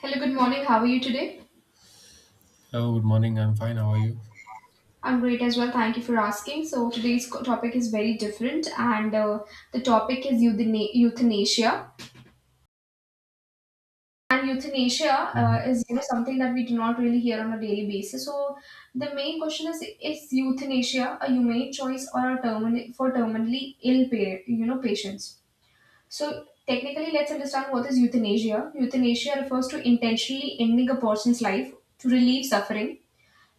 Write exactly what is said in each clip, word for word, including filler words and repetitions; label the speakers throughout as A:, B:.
A: Hello, good morning. How are you today?
B: Hello, good morning. I'm fine. How are you?
A: I'm great as well. Thank you for asking. So today's co- topic is very different, and uh, the topic is euthana- euthanasia. And euthanasia uh,
B: Mhm.
A: is you know something that we do not really hear on a daily basis. So the main question is: Is euthanasia a humane choice or a termin- for terminally ill pa- you know patients? So technically, let's understand what is euthanasia. Euthanasia refers to intentionally ending a person's life to relieve suffering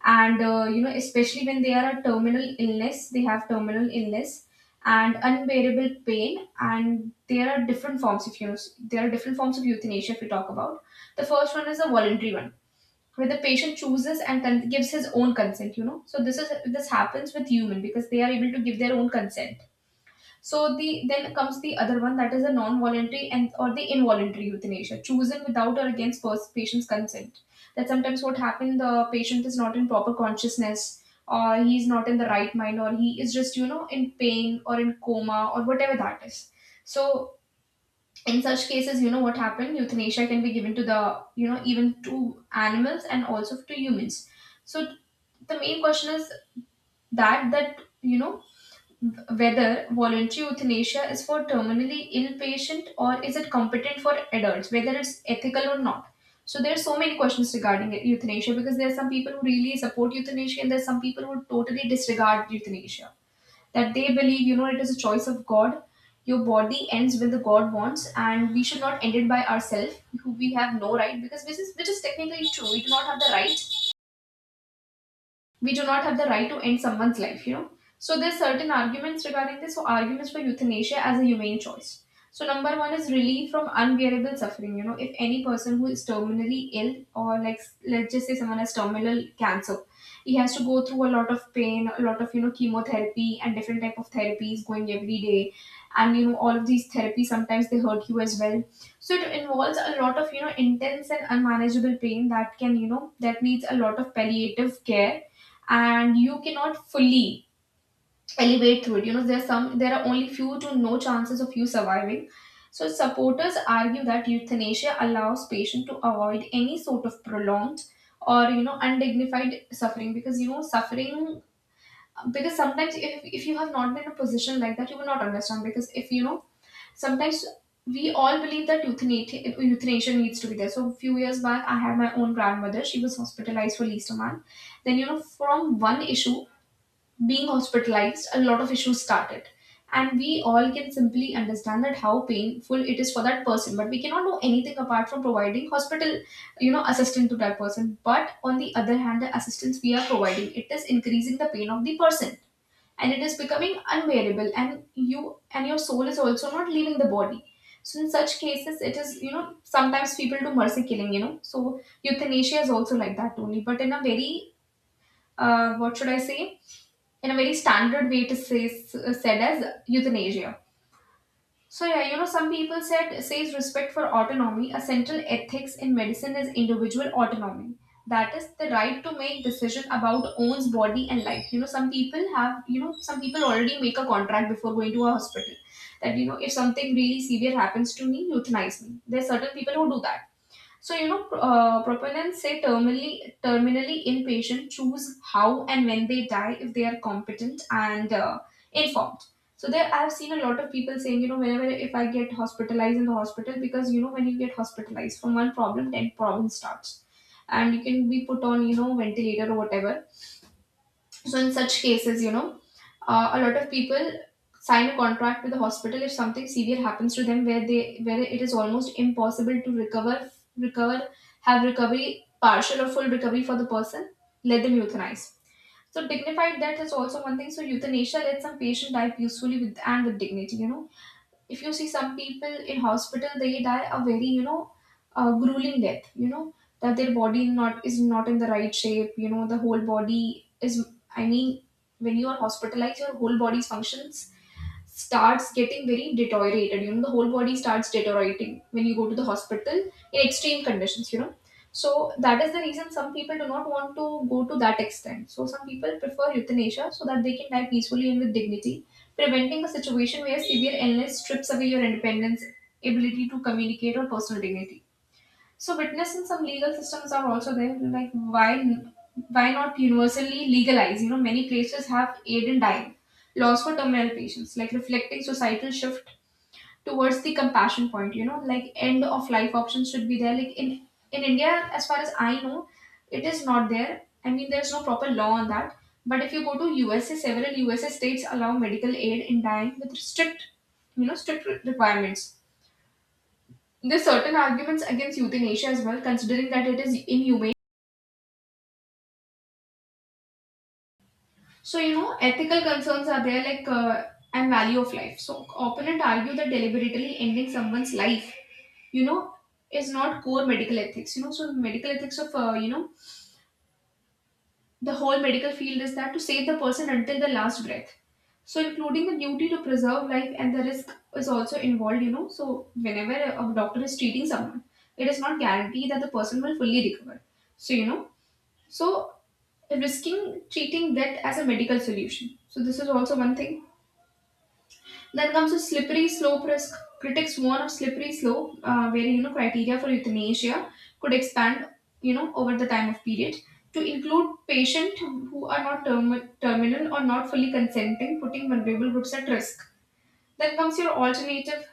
A: and uh, you know especially when they are a terminal illness they have terminal illness and unbearable pain, and there are different forms of you there are different forms of euthanasia. If we talk about, the first one is a voluntary one where the patient chooses and con- gives his own consent, you know, so this is this happens with human because they are able to give their own consent. So the then comes the other one, that is a non-voluntary and or the involuntary euthanasia, chosen without or against pers- patient's consent. That sometimes what happened, the patient is not in proper consciousness, or he is not in the right mind, or he is just you know in pain or in coma or whatever that is. So in such cases, you know what happened, euthanasia can be given to the you know even to animals and also to humans. So the main question is that that you know whether voluntary euthanasia is for terminally ill patient, or is it competent for adults, whether it's ethical or not. So there are so many questions regarding it- euthanasia, because there are some people who really support euthanasia and there are some people who totally disregard euthanasia. That they believe, you know, it is a choice of God. Your body ends when the God wants, and we should not end it by ourselves. We have no right, because this is which is technically true. We do not have the right we do not have the right to end someone's life, you know. So there's certain arguments regarding this. So arguments for euthanasia as a humane choice. So number one is relief from unbearable suffering. You know, if any person who is terminally ill, or like let's just say someone has terminal cancer, he has to go through a lot of pain, a lot of you know chemotherapy and different type of therapies going every day, and you know all of these therapies sometimes they hurt you as well. So it involves a lot of you know intense and unmanageable pain that can you know that needs a lot of palliative care, and you cannot fully elevate through it. You know, there are some there are only few to no chances of you surviving. So supporters argue that euthanasia allows patient to avoid any sort of prolonged or you know undignified suffering, because you know suffering, because sometimes if, if you have not been in a position like that you will not understand, because if you know sometimes we all believe that euthanasia, euthanasia needs to be there. So a few years back I had my own grandmother. She was hospitalized for least a month, then you know from one issue being hospitalized, a lot of issues started. And we all can simply understand that how painful it is for that person, but we cannot do anything apart from providing hospital, you know, assistance to that person. But on the other hand, the assistance we are providing, it is increasing the pain of the person, and it is becoming unbearable, and you and your soul is also not leaving the body. So in such cases, it is, you know, sometimes people do mercy killing, you know. So euthanasia is also like that only, but in a very uh, what should I say? In a very standard way it is says, said as euthanasia. So yeah, you know, some people said says respect for autonomy. A central ethics in medicine is individual autonomy. That is the right to make decision about own's body and life. You know, some people have you know some people already make a contract before going to a hospital that you know if something really severe happens to me, euthanize me. There's certain people who do that. So, you know, uh, proponents say terminally, terminally inpatient choose how and when they die if they are competent and uh, informed. So there, I've seen a lot of people saying, you know, whenever if I get hospitalized in the hospital, because you know, when you get hospitalized from one problem, ten problems starts, and you can be put on, you know, ventilator or whatever. So in such cases, you know, uh, a lot of people sign a contract with the hospital if something severe happens to them, where they where it is almost impossible to recover, recover, have recovery, partial or full recovery for the person. Let them euthanize. So dignified death is also one thing. So euthanasia lets some patient die peacefully with and with dignity. You know if you see some people in hospital they die a very you know uh, grueling death, you know that their body not is not in the right shape, you know the whole body is I mean when you are hospitalized your whole body's functions starts getting very deteriorated, you know the whole body starts deteriorating when you go to the hospital in extreme conditions, you know. So that is the reason some people do not want to go to that extent, so some people prefer euthanasia so that they can die peacefully and with dignity, preventing a situation where severe illness strips away your independence, ability to communicate, or personal dignity. So, witness in some legal systems are also there. Like, why, why not universally legalize? You know, many places have aid in dying laws for terminal patients, like reflecting societal shift towards the compassion point, you know, like end of life options should be there, like in in India as far as I know it is not there. I mean there's no proper law on that. But if you go to U S A, several U S A states allow medical aid in dying with strict you know strict re- requirements. There's certain arguments against euthanasia as well, considering that it is inhumane. So, you know, ethical concerns are there, like uh, and value of life. So, opponent argue that deliberately ending someone's life, you know, is not core medical ethics. You know, so medical ethics of, uh, you know, the whole medical field is that to save the person until the last breath. So, including the duty to preserve life, and the risk is also involved, you know. So, whenever a doctor is treating someone, it is not guaranteed that the person will fully recover. So, you know, so, risking treating that as a medical solution. So, this is also one thing. Then comes the slippery slope risk. Critics warn of slippery slope, uh, where you know criteria for euthanasia could expand, you know, over the time of period to include patients who are not term- terminal or not fully consenting, putting vulnerable groups at risk. Then comes your alternative,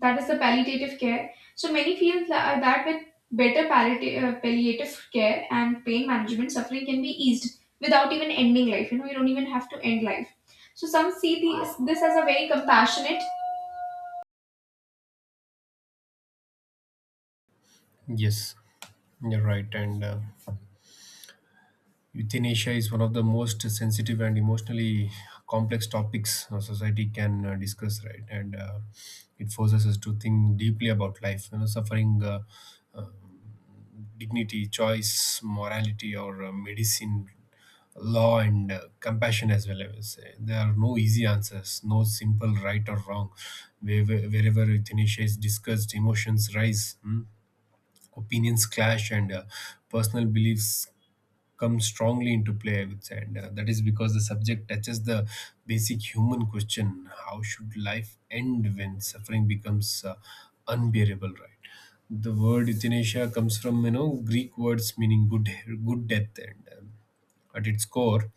A: that is the palliative care. So many feel tha- uh, that with better palliati- uh, palliative care and pain management, suffering can be eased without even ending life. You know, you don't even have to end life. So some see these, this as a very compassionate.
B: Yes, you're right. And uh, euthanasia is one of the most sensitive and emotionally complex topics a society can uh, discuss, right? And uh, it forces us to think deeply about life, you know, suffering, uh, dignity, choice, morality, or uh, medicine, law, and uh, compassion as well. I will say there are no easy answers, no simple right or wrong. Wherever, wherever euthanasia is discussed, emotions rise. Hmm? Opinions clash, and uh, personal beliefs come strongly into play, I would say. And uh, That is because the subject touches the basic human question: how should life end when suffering becomes uh, unbearable, right? The word euthanasia comes from, you know, Greek words meaning good good death, and um, at its core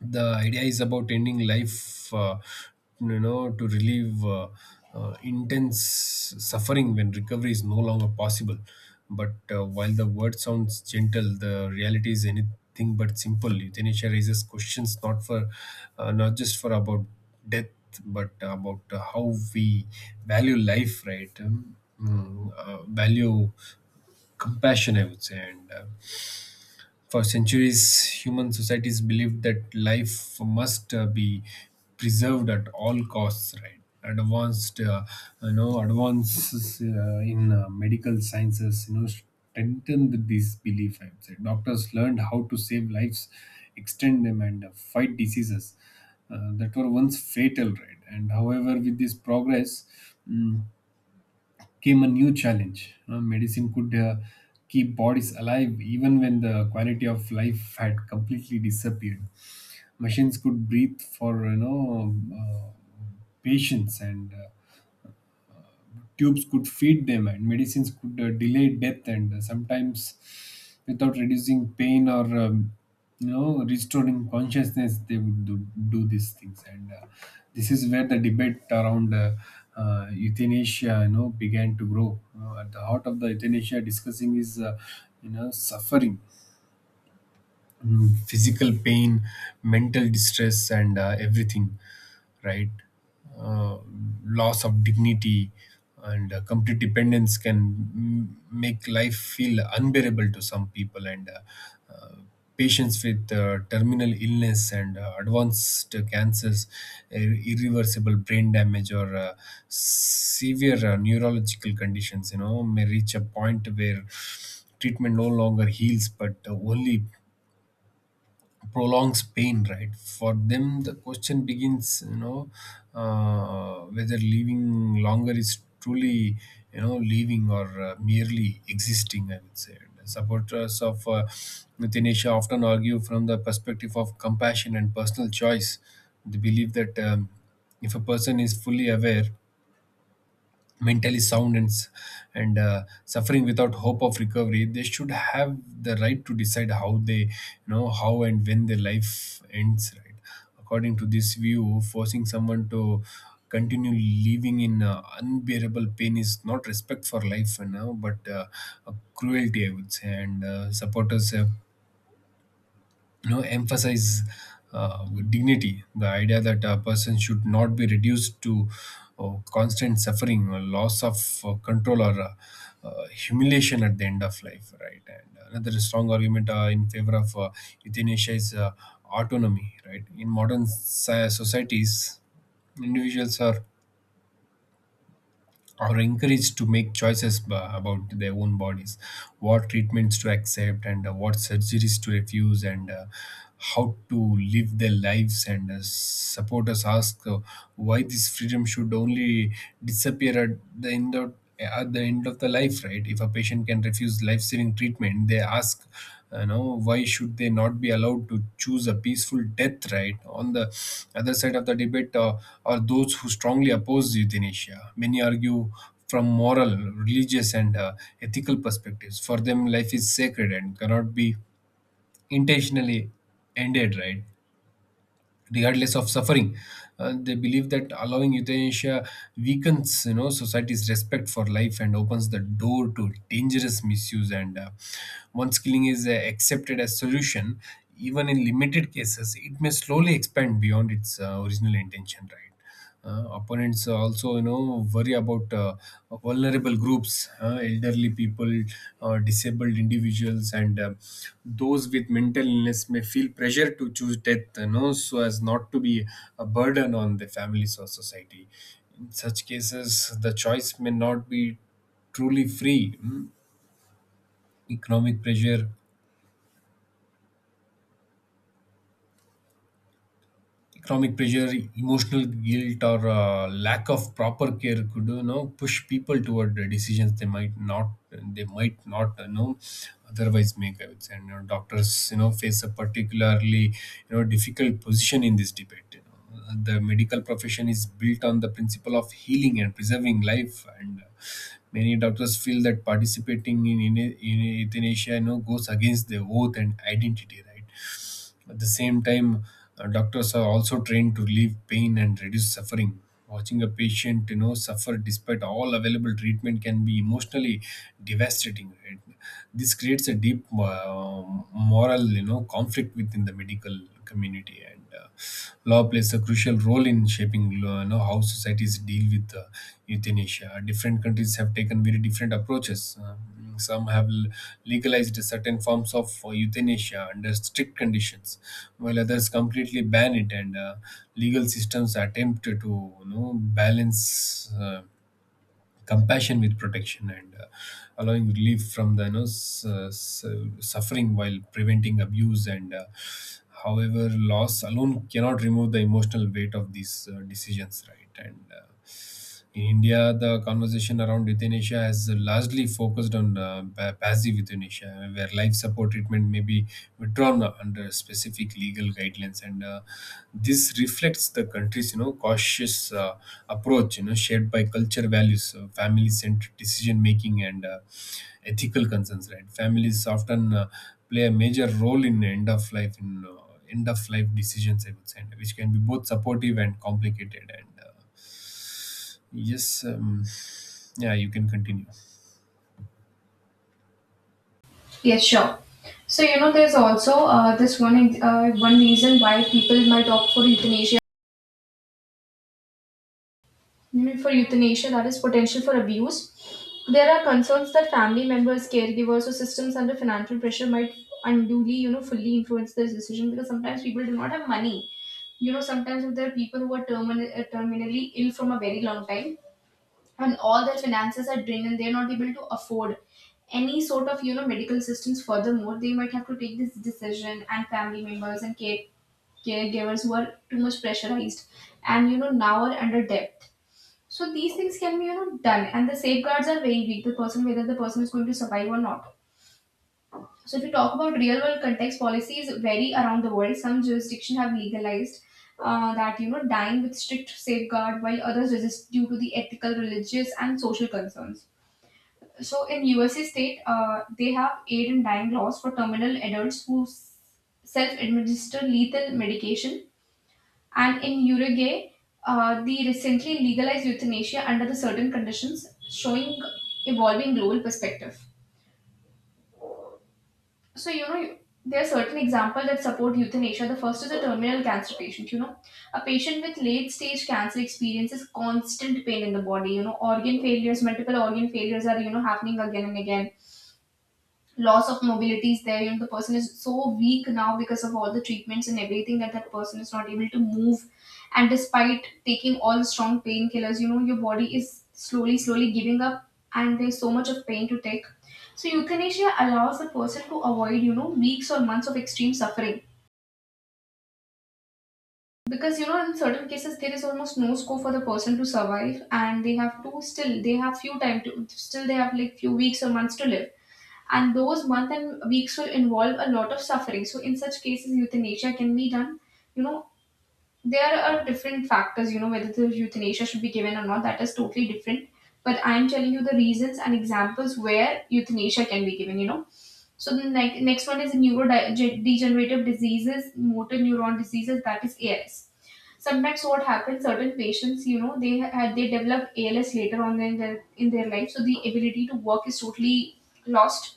B: the idea is about ending life, uh, you know, to relieve uh, uh, intense suffering when recovery is no longer possible. But uh, while the word sounds gentle, the reality is anything but simple. Euthanasia raises questions not for uh, not just for about death, but about uh, how we value life, right? Um, mm, uh, value compassion, I would say. And uh, For centuries, human societies believed that life must uh, be preserved at all costs, right? Advanced, uh, you know, advances uh, in uh, medical sciences, you know, strengthened this belief. I would say doctors learned how to save lives, extend them, and uh, fight diseases uh, that were once fatal, right? And however, with this progress, mm, came a new challenge. Uh, medicine could uh, keep bodies alive even when the quality of life had completely disappeared. Machines could breathe for, you know, uh, patients, and uh, tubes could feed them, and medicines could uh, delay death, and uh, sometimes without reducing pain or, um, you know, restoring consciousness, they would do, do these things. And uh, This is where the debate around uh, uh, euthanasia, you know, began to grow. You at the heart of the euthanasia discussing is, uh, you know, suffering, mm, physical pain, mental distress, and uh, everything, right? Uh, Loss of dignity and uh, complete dependence can, mm, make life feel unbearable to some people, and uh, uh, patients with uh, terminal illness and uh, advanced cancers, ir- irreversible brain damage, or uh, severe uh, neurological conditions, you know, may reach a point where treatment no longer heals but uh, only prolongs pain, right? For them the question begins, you know, uh, whether living longer is truly, you know, living or uh, merely existing, I would say. And supporters of uh, euthanasia often argue from the perspective of compassion and personal choice. They believe that, um, if a person is fully aware, mentally sound, and s- and uh, suffering without hope of recovery, they should have the right to decide how they, you know, how and when their life ends, right? According to this view, forcing someone to continue living in uh, unbearable pain is not respect for life, you know, but uh, a cruelty, I would say. And uh, supporters have, you know, emphasize uh, dignity, the idea that a person should not be reduced to uh, constant suffering or loss of uh, control or uh, uh, humiliation at the end of life, right? And another strong argument uh, in favor of uh, euthanasia is uh, autonomy, right? In modern sci- societies, individuals are or encouraged to make choices b- about their own bodies, what treatments to accept and uh, what surgeries to refuse, and uh, how to live their lives. And uh, Supporters ask, uh, why this freedom should only disappear at the end of at the end of the life, right? If a patient can refuse life-saving treatment, they ask, you know, why should they not be allowed to choose a peaceful death, right? On the other side of the debate, uh, are those who strongly oppose euthanasia. Many argue from moral, religious, and uh, ethical perspectives. For them, life is sacred and cannot be intentionally ended, right, regardless of suffering. Uh, they believe that allowing euthanasia weakens, you know, society's respect for life and opens the door to dangerous misuse. And uh, Once killing is uh, accepted as solution, even in limited cases, it may slowly expand beyond its uh, original intention. Right. Uh, opponents also, you know, worry about uh, vulnerable groups. Uh, elderly people, uh, disabled individuals, and uh, those with mental illness may feel pressure to choose death, you know, so as not to be a burden on their families or society. In such cases, the choice may not be truly free. Mm, economic pressure economic pressure, emotional guilt, or uh, lack of proper care could, you know, push people toward the decisions they might not they might not, you know, otherwise make. I would say, and you know, doctors, you know, face a particularly, you know, difficult position in this debate. You know. The medical profession is built on the principle of healing and preserving life, and uh, many doctors feel that participating in, in, in euthanasia, you know, goes against their oath and identity, right? At the same time, uh, doctors are also trained to relieve pain and reduce suffering. Watching a patient, you know, suffer despite all available treatment can be emotionally devastating. Right? This creates a deep uh, moral, you know, conflict within the medical community, and uh, law plays a crucial role in shaping, you know, how societies deal with uh, euthanasia. Different countries have taken very different approaches. Uh, Mm, Some have l- legalized certain forms of uh, euthanasia under strict conditions, while others completely ban it. And uh, Legal systems attempt to, you know, balance. Uh, compassion with protection, and uh, allowing relief from the, you know, s- uh, s- suffering while preventing abuse, and uh, however, loss alone cannot remove the emotional weight of these uh, decisions, right? and uh, In India, the conversation around euthanasia has largely focused on uh, pa- passive euthanasia, where life support treatment may be withdrawn under specific legal guidelines, and uh, this reflects the country's, you know, cautious uh, approach, you know, shared by culture values, uh, family centered decision making, and uh, ethical concerns, right? Families often uh, play a major role in end of life in uh, end of life decisions, I would say, and which can be both supportive and complicated, and uh, yes um, yeah, you can continue.
A: Yes, sure. So you know, there's also uh, this one ex- uh, one reason why people might opt for euthanasia Mm, for euthanasia, that is potential for abuse. There are concerns that family members, caregivers, or systems under financial pressure might unduly, you know, fully influence this decision, because sometimes people do not have money. You know, sometimes if there are people who are termin- uh, terminally ill from a very long time, and all their finances are drained, and they're not able to afford any sort of, you know, medical assistance. Furthermore, they might have to take this decision, and family members and care- caregivers who are too much pressurized and, you know, now are under debt, so these things can be, you know, done, and the safeguards are very weak. The person, whether the person is going to survive or not. So if you talk about real world context, policies vary around the world. Some jurisdictions have legalized uh, that you know dying with strict safeguard, while others resist due to the ethical, religious, and social concerns. So in U S A state, uh, they have aid in dying laws for terminal adults who self administer lethal medication, and in Uruguay, uh, the recently legalized euthanasia under the certain conditions, showing evolving global perspective. So you know. There are certain examples that support euthanasia. The first is a terminal cancer patient. You know, a patient with late stage cancer experiences constant pain in the body. You know, organ failures, multiple organ failures are you know happening again and again. Loss of mobility is there. You know, the person is so weak now because of all the treatments and everything that that person is not able to move, and despite taking all the strong painkillers, you know your body is slowly slowly giving up and there's so much of pain to take. So euthanasia allows the person to avoid, you know weeks or months of extreme suffering, because you know in certain cases there is almost no scope for the person to survive and they have to still they have few time to still they have like few weeks or months to live, and those month and weeks will involve a lot of suffering. So in such cases euthanasia can be done you know there are different factors, you know whether the euthanasia should be given or not, that is totally different. But I am telling you the reasons and examples where euthanasia can be given you know So the ne- next one is neurodegenerative diseases, motor neuron diseases, that is ALS. Sometimes what happens, certain patients, you know they ha- they develop ALS later on in their in their life, so the ability to work is totally lost.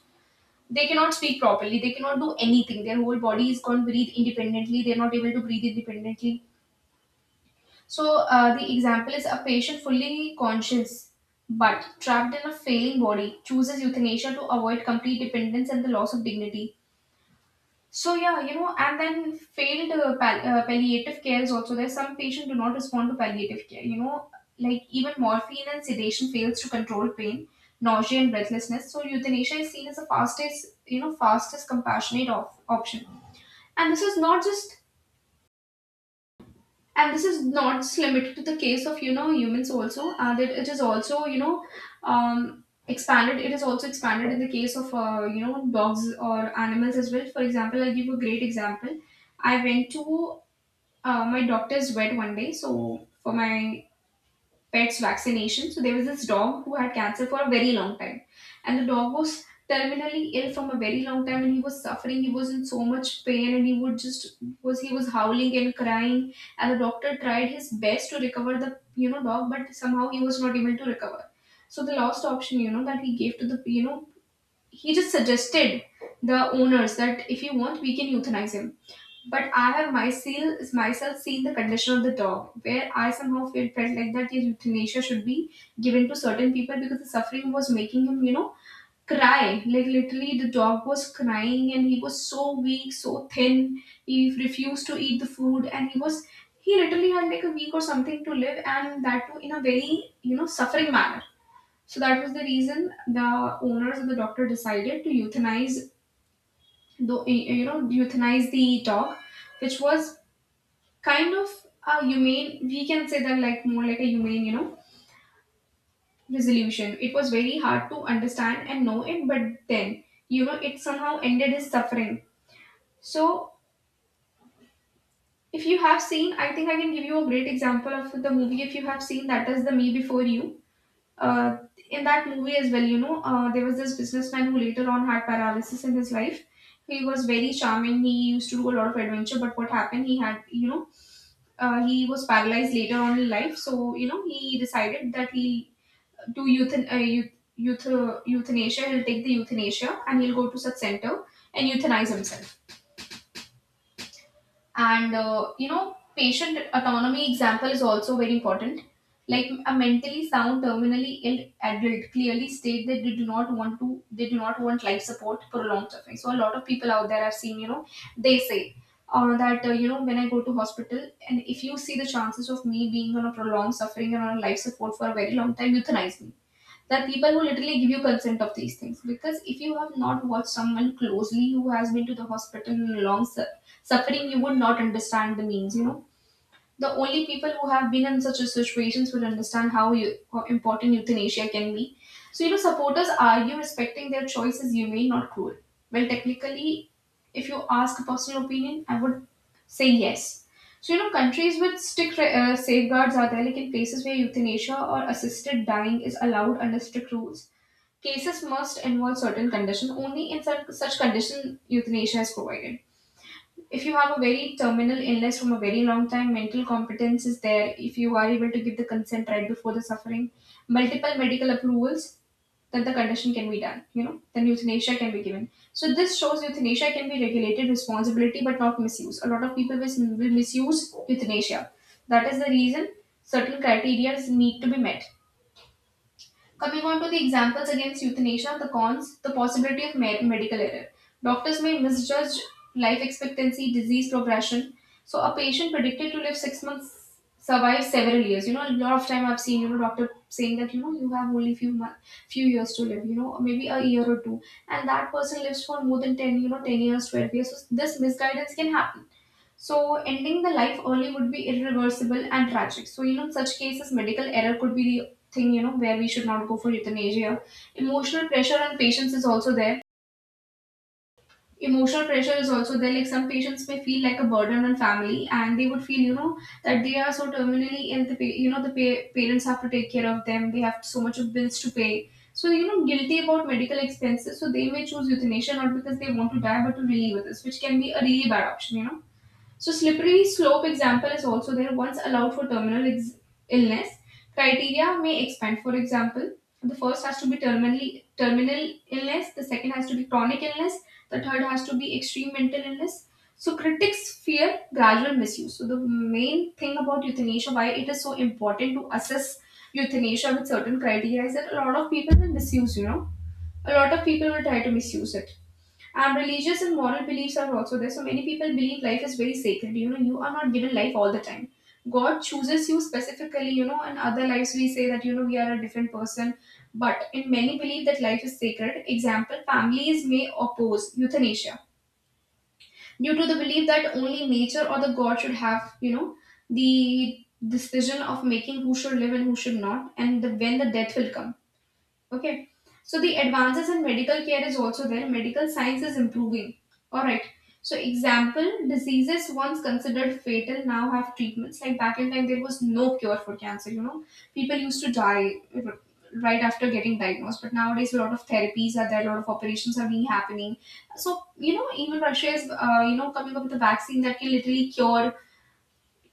A: They cannot speak properly, they cannot do anything, their whole body is going to breathe independently, they're not able to breathe independently. So uh, the example is a patient fully conscious but trapped in a failing body chooses euthanasia to avoid complete dependence and the loss of dignity. So yeah, you know, and then failed uh, pal- uh, palliative care is also there. Some patients do not respond to palliative care. You know, like even morphine and sedation fails to control pain, nausea, and breathlessness. So euthanasia is seen as the fastest, you know, fastest compassionate op- option. And this is not just and this is not just limited to the case of, you know humans also, uh, that it is also, you know um, expanded it is also expanded in the case of, uh, you know dogs or animals as well. For example, I'll give you a great example. I went to uh, my doctor's vet one day, so for my pet's vaccination. So there was this dog who had cancer for a very long time, and the dog was terminally ill from a very long time, and he was suffering. He was in so much pain, and he would just was he was howling and crying, and the doctor tried his best to recover the, you know dog, but somehow he was not able to recover. So the last option, you know, that he gave to the you know he just suggested the owners that if you want, we can euthanize him. But I have myself myself seen the condition of the dog, where I somehow felt, felt like that his euthanasia should be given to certain people because the suffering was making him, you know, cry. Like literally, the dog was crying and he was so weak, so thin. He refused to eat the food, and he was, he literally had like a week or something to live, and that too in a very, you know suffering manner. So that was the reason the owners and the doctor decided to euthanize the you know euthanize the dog, which was kind of a humane, we can say that, like more like a humane, you know resolution. It was very hard to understand and know it, but then, you know it somehow ended his suffering. So, if you have seen, I think I can give you a great example of the movie, if you have seen, that is the Me Before You. uh, in that movie as well, you know uh, there was this businessman who later on had paralysis in his life. He was very charming, he used to do a lot of adventure, but what happened, he had, you know uh, he was paralyzed later on in life. So you know, he decided that he'll do euthan- uh, euth- euth- euthanasia. He'll take the euthanasia and he'll go to such center and euthanize himself. And uh, you know, patient autonomy example is also very important. Like a mentally sound terminally ill adult clearly state that they do not want to they do not want life support, prolonged suffering. So a lot of people out there are seeing, you know they say, uh, that uh, you know, when I go to hospital and if you see the chances of me being on a prolonged suffering and on a life support for a very long time, euthanize me. That people who literally give you consent of these things, because if you have not watched someone closely who has been to the hospital in long su- suffering, you would not understand the means, you know. The only people who have been in such situations will understand how you, how important euthanasia can be. So you know, supporters argue respecting their choice is humane, not cruel. Well, technically, if you ask a personal opinion, I would say yes. So you know, countries with strict uh, safeguards are there, like in places where euthanasia or assisted dying is allowed under strict rules. Cases must involve certain conditions. Only in such, such condition euthanasia is provided. If you have a very terminal illness from a very long time, mental competence is there. If you are able to give the consent right before the suffering, multiple medical approvals, then the condition can be done. You know, then euthanasia can be given. So this shows euthanasia can be regulated responsibility, but not misuse. A lot of people will will misuse euthanasia. That is the reason certain criteria need to be met. Coming on to the examples against euthanasia, the cons, the possibility of med- medical error. Doctors may misjudge life expectancy, disease progression. So a patient predicted to live six months survives several years. You know, a lot of time I've seen, you know doctor saying that, you know, you have only few months, few years to live. You know, maybe a year or two, and that person lives for more than ten, you know, ten years, twelve years. So this misguidance can happen. So ending the life early would be irreversible and tragic. So you know, in such cases, medical error could be the thing, you know where we should not go for euthanasia. Emotional pressure on patients is also there. Emotional pressure is also there. Like some patients may feel like a burden on family, and they would feel, you know that they are so terminally ill. The pa- you know the pa- parents have to take care of them. They have so much of bills to pay. So you know, guilty about medical expenses. So they may choose euthanasia not because they want to die, but to relieve others, which can be a really bad option. You know, so, slippery slope example is also there. Once allowed for terminal ex- illness, criteria may expand. For example, the first has to be terminally terminal illness, the second has to be chronic illness, the third has to be extreme mental illness. So, critics fear gradual misuse. So, the main thing about euthanasia, why it is so important to assess euthanasia with certain criteria, is that a lot of people will misuse. You know, a lot of people will try to misuse it. And religious and moral beliefs are also there. So many people believe life is very sacred. You know, you are not given life all the time. God chooses you specifically, you know, and other lives we say that, you know, we are a different person. But in many believe that life is sacred. Example, families may oppose euthanasia due to the belief that only nature or the God should have, you know, the decision of making who should live and who should not, and the, when the death will come. Okay. So the advances in medical care is also there. Medical science is improving. All right. So example, diseases once considered fatal now have treatments. Like back in time, there was no cure for cancer. You know, people used to die r- right after getting diagnosed. But nowadays, a lot of therapies are there. A lot of operations are being happening. So you know, even Russia is, uh, you know coming up with a vaccine that can literally cure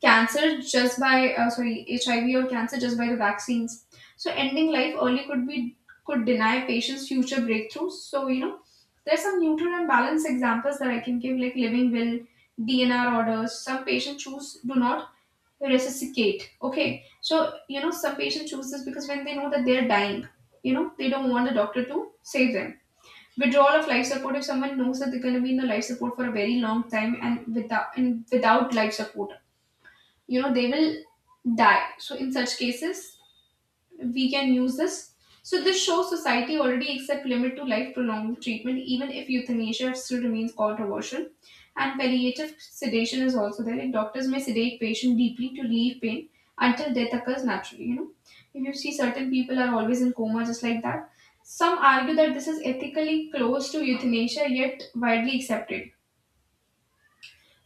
A: cancer just by, uh, sorry, HIV or cancer, just by the vaccines. So ending life early could be, could deny patients future breakthroughs. So you know there's some neutral and balanced examples that I can give, like living will, DNR orders. Some patients choose do not resuscitate, okay. So you know, some patients choose this because when they know that they're dying, you know, they don't want the doctor to save them. Withdrawal of life support, if someone knows that they're going to be in the life support for a very long time, and without and without life support, you know they will die. So in such cases we can use this. So this shows society already accept limit to life prolonging treatment even if euthanasia still remains controversial. And palliative sedation is also there. Like doctors may sedate patient deeply to relieve pain until death occurs naturally. You know, if you see, certain people are always in coma just like that. Some argue that this is ethically close to euthanasia yet widely accepted.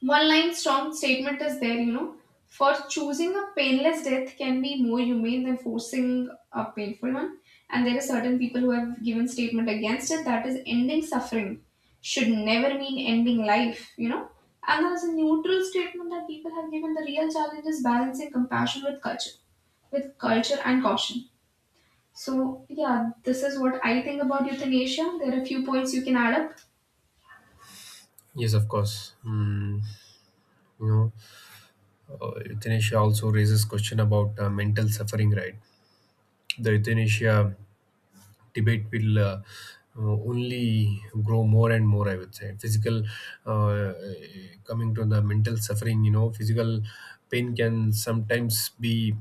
A: One line strong statement is there, you know. For choosing a painless death can be more humane than forcing a painful one. And there are certain people who have given statement against it, that is, ending suffering should never mean ending life, you know. And there's a neutral statement that people have given, the real challenge is balancing compassion with culture with culture and caution. So, yeah, this is what I think about euthanasia. There are a few points you can add up.
B: Yes, of course. Mm, you know, uh, euthanasia also raises question about uh, mental suffering, right? the euthanasia debate will uh, uh, only grow more and more I would say physical uh, Coming to the mental suffering, you know, physical pain can sometimes be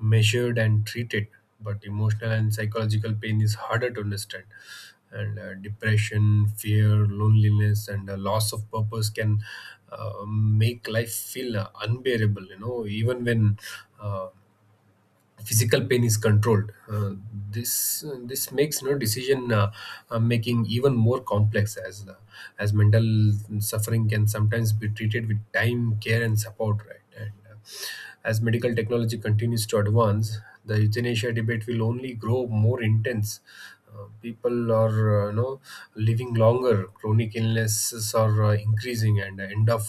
B: measured and treated, but emotional and psychological pain is harder to understand, and uh, depression, fear, loneliness, and uh, loss of purpose can uh, make life feel uh, unbearable, you know, even when uh, physical pain is controlled. Uh, this uh, this makes, you know, decision uh, uh, making even more complex, as uh, as mental suffering can sometimes be treated with time, care, and support, right? and uh, As medical technology continues to advance, the euthanasia debate will only grow more intense. Uh, people are, uh, you know, living longer. Chronic illnesses are uh, increasing, and end of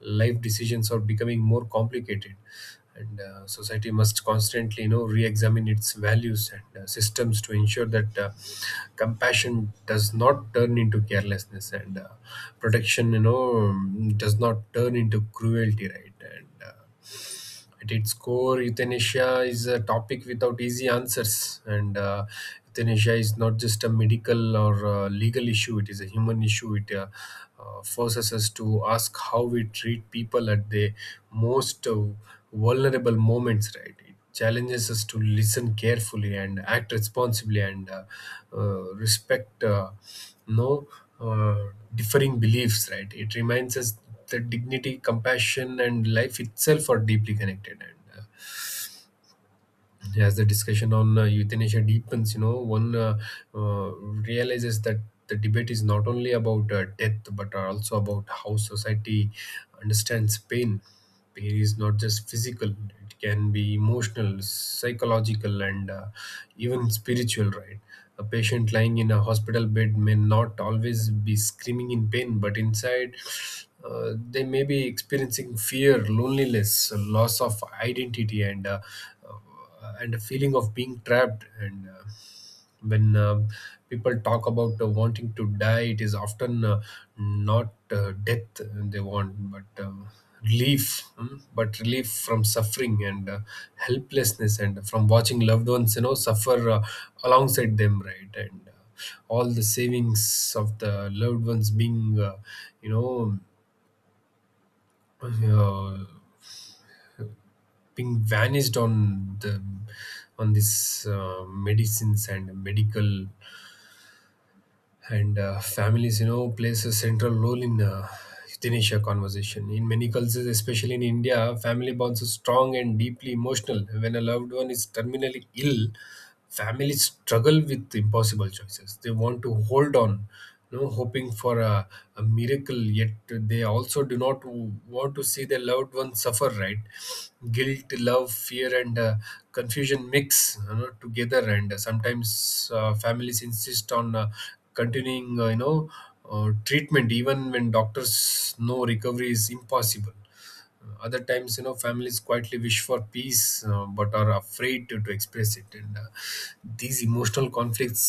B: life decisions are becoming more complicated. And uh, Society must constantly, you know, re-examine its values and uh, systems to ensure that uh, compassion does not turn into carelessness, and uh, protection, you know, does not turn into cruelty. Right? and uh, At its core, euthanasia is a topic without easy answers. And uh, Euthanasia is not just a medical or uh, legal issue, it is a human issue. It uh, uh, forces us to ask how we treat people at the most uh, vulnerable moments, right? Challenges us to listen carefully and act responsibly, and uh, uh, respect uh, no uh, differing beliefs, right? It reminds us that dignity, compassion, and life itself are deeply connected, and uh, as the discussion on uh, euthanasia deepens, you know, one uh, uh, realizes that the debate is not only about uh, death, but are also about how society understands pain. Pain is not just physical; it can be emotional, psychological, and uh, even spiritual. Right? A patient lying in a hospital bed may not always be screaming in pain, but inside. Uh, they may be experiencing fear, loneliness, loss of identity, and uh, uh, and a feeling of being trapped, and uh, when uh, people talk about uh, wanting to die, it is often uh, not uh, death they want but um, relief. Mm, but relief from suffering and uh, helplessness, and from watching loved ones you know suffer uh, alongside them, right? And uh, all the savings of the loved ones being, uh, you know uh, being vanished on the on this, uh, medicines and medical. And uh, families, you know plays a central role in uh, euthanasia conversation. In many cultures, especially in India, family bonds are strong and deeply emotional. When a loved one is terminally ill, families struggle with impossible choices. They want to hold on, you know hoping for a, a miracle, yet they also do not w- want to see their loved ones suffer, right? Guilt, love, fear, and uh, confusion mix, you know, together. And sometimes uh, families insist on uh, continuing uh, you know uh, treatment even when doctors know recovery is impossible. Uh, other times, you know families quietly wish for peace, uh, but are afraid to, to express it. And uh, these emotional conflicts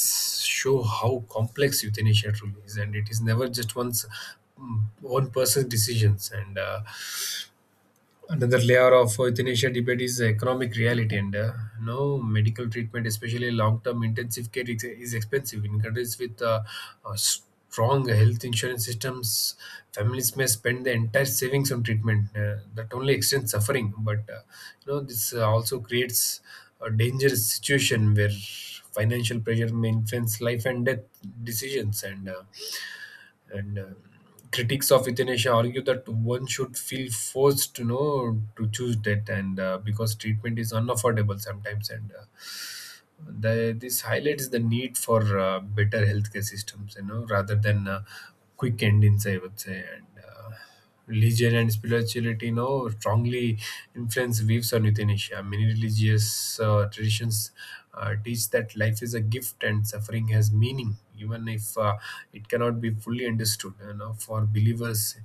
B: show how complex euthanasia truly is, and it is never just one's mm, one person's decisions. And uh, Another layer of euthanasia debate is economic reality, and uh, no medical treatment, especially long-term intensive care, is, is expensive. In countries with uh, uh, strong health insurance systems, families may spend the entire savings on treatment Uh, that only extends suffering. But uh, you know this uh, also creates a dangerous situation where financial pressure may influence life and death decisions. And uh, and um critics of euthanasia argue that one should feel forced to know to choose death, and uh, because treatment is unaffordable sometimes. And uh, the, this highlights the need for uh, better healthcare systems, you know, rather than uh, quick endings, I would say. And. Uh, religion and spirituality, you know strongly influence views on euthanasia. Many religious uh, traditions uh, teach that life is a gift and suffering has meaning, even if uh, it cannot be fully understood. You know, for believers,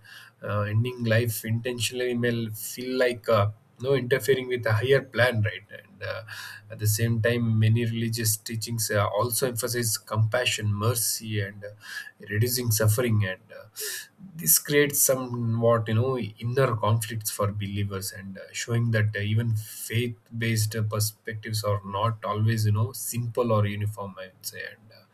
B: uh, ending life intentionally may feel like uh, no interfering with a higher plan, right? And uh, at the same time, many religious teachings uh, also emphasize compassion, mercy, and uh, reducing suffering. And uh, this creates somewhat, you know, inner conflicts for believers, and uh, showing that uh, even faith-based uh, perspectives are not always, you know, simple or uniform, I would say. And uh,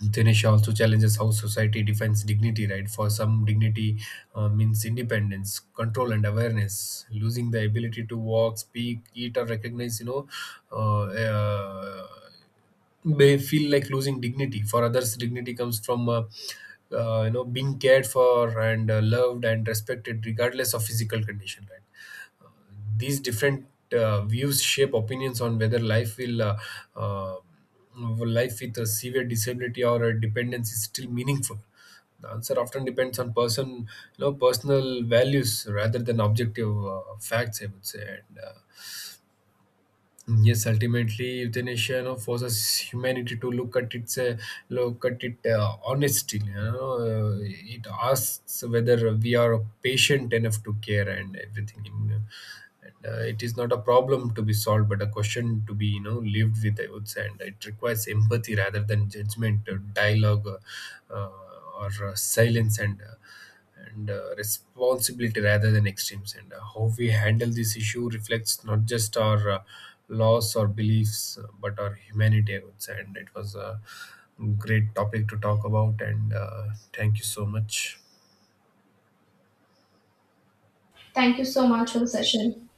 B: Dinesh also challenges how society defines dignity, right? For some, dignity uh, means independence, control, and awareness. Losing the ability to walk, speak, eat, or recognize, you know, uh, uh, may feel like losing dignity. For others, dignity comes from, uh, uh, you know, being cared for and uh, loved and respected, regardless of physical condition, right? These different uh, views shape opinions on whether life will uh, uh, life with a severe disability or a dependence is still meaningful. The answer often depends on person, you know, personal values rather than objective uh, facts, I would say. And uh, Yes, ultimately, euthanasia, you know, forces humanity to look at its uh, look at it uh, honestly. You know, uh, it asks whether we are patient enough to care, and everything, you know. And, uh, it is not a problem to be solved, but a question to be, you know lived with, I would say. And it requires empathy rather than judgment, or dialogue, uh, uh, or uh, silence. And. Uh, and uh, responsibility rather than extremes. And uh, how we handle this issue reflects not just our uh, laws or beliefs, uh, but our humanity, I would say. And it was a great topic to talk about. And uh, thank you so much.
A: Thank you so much for the session.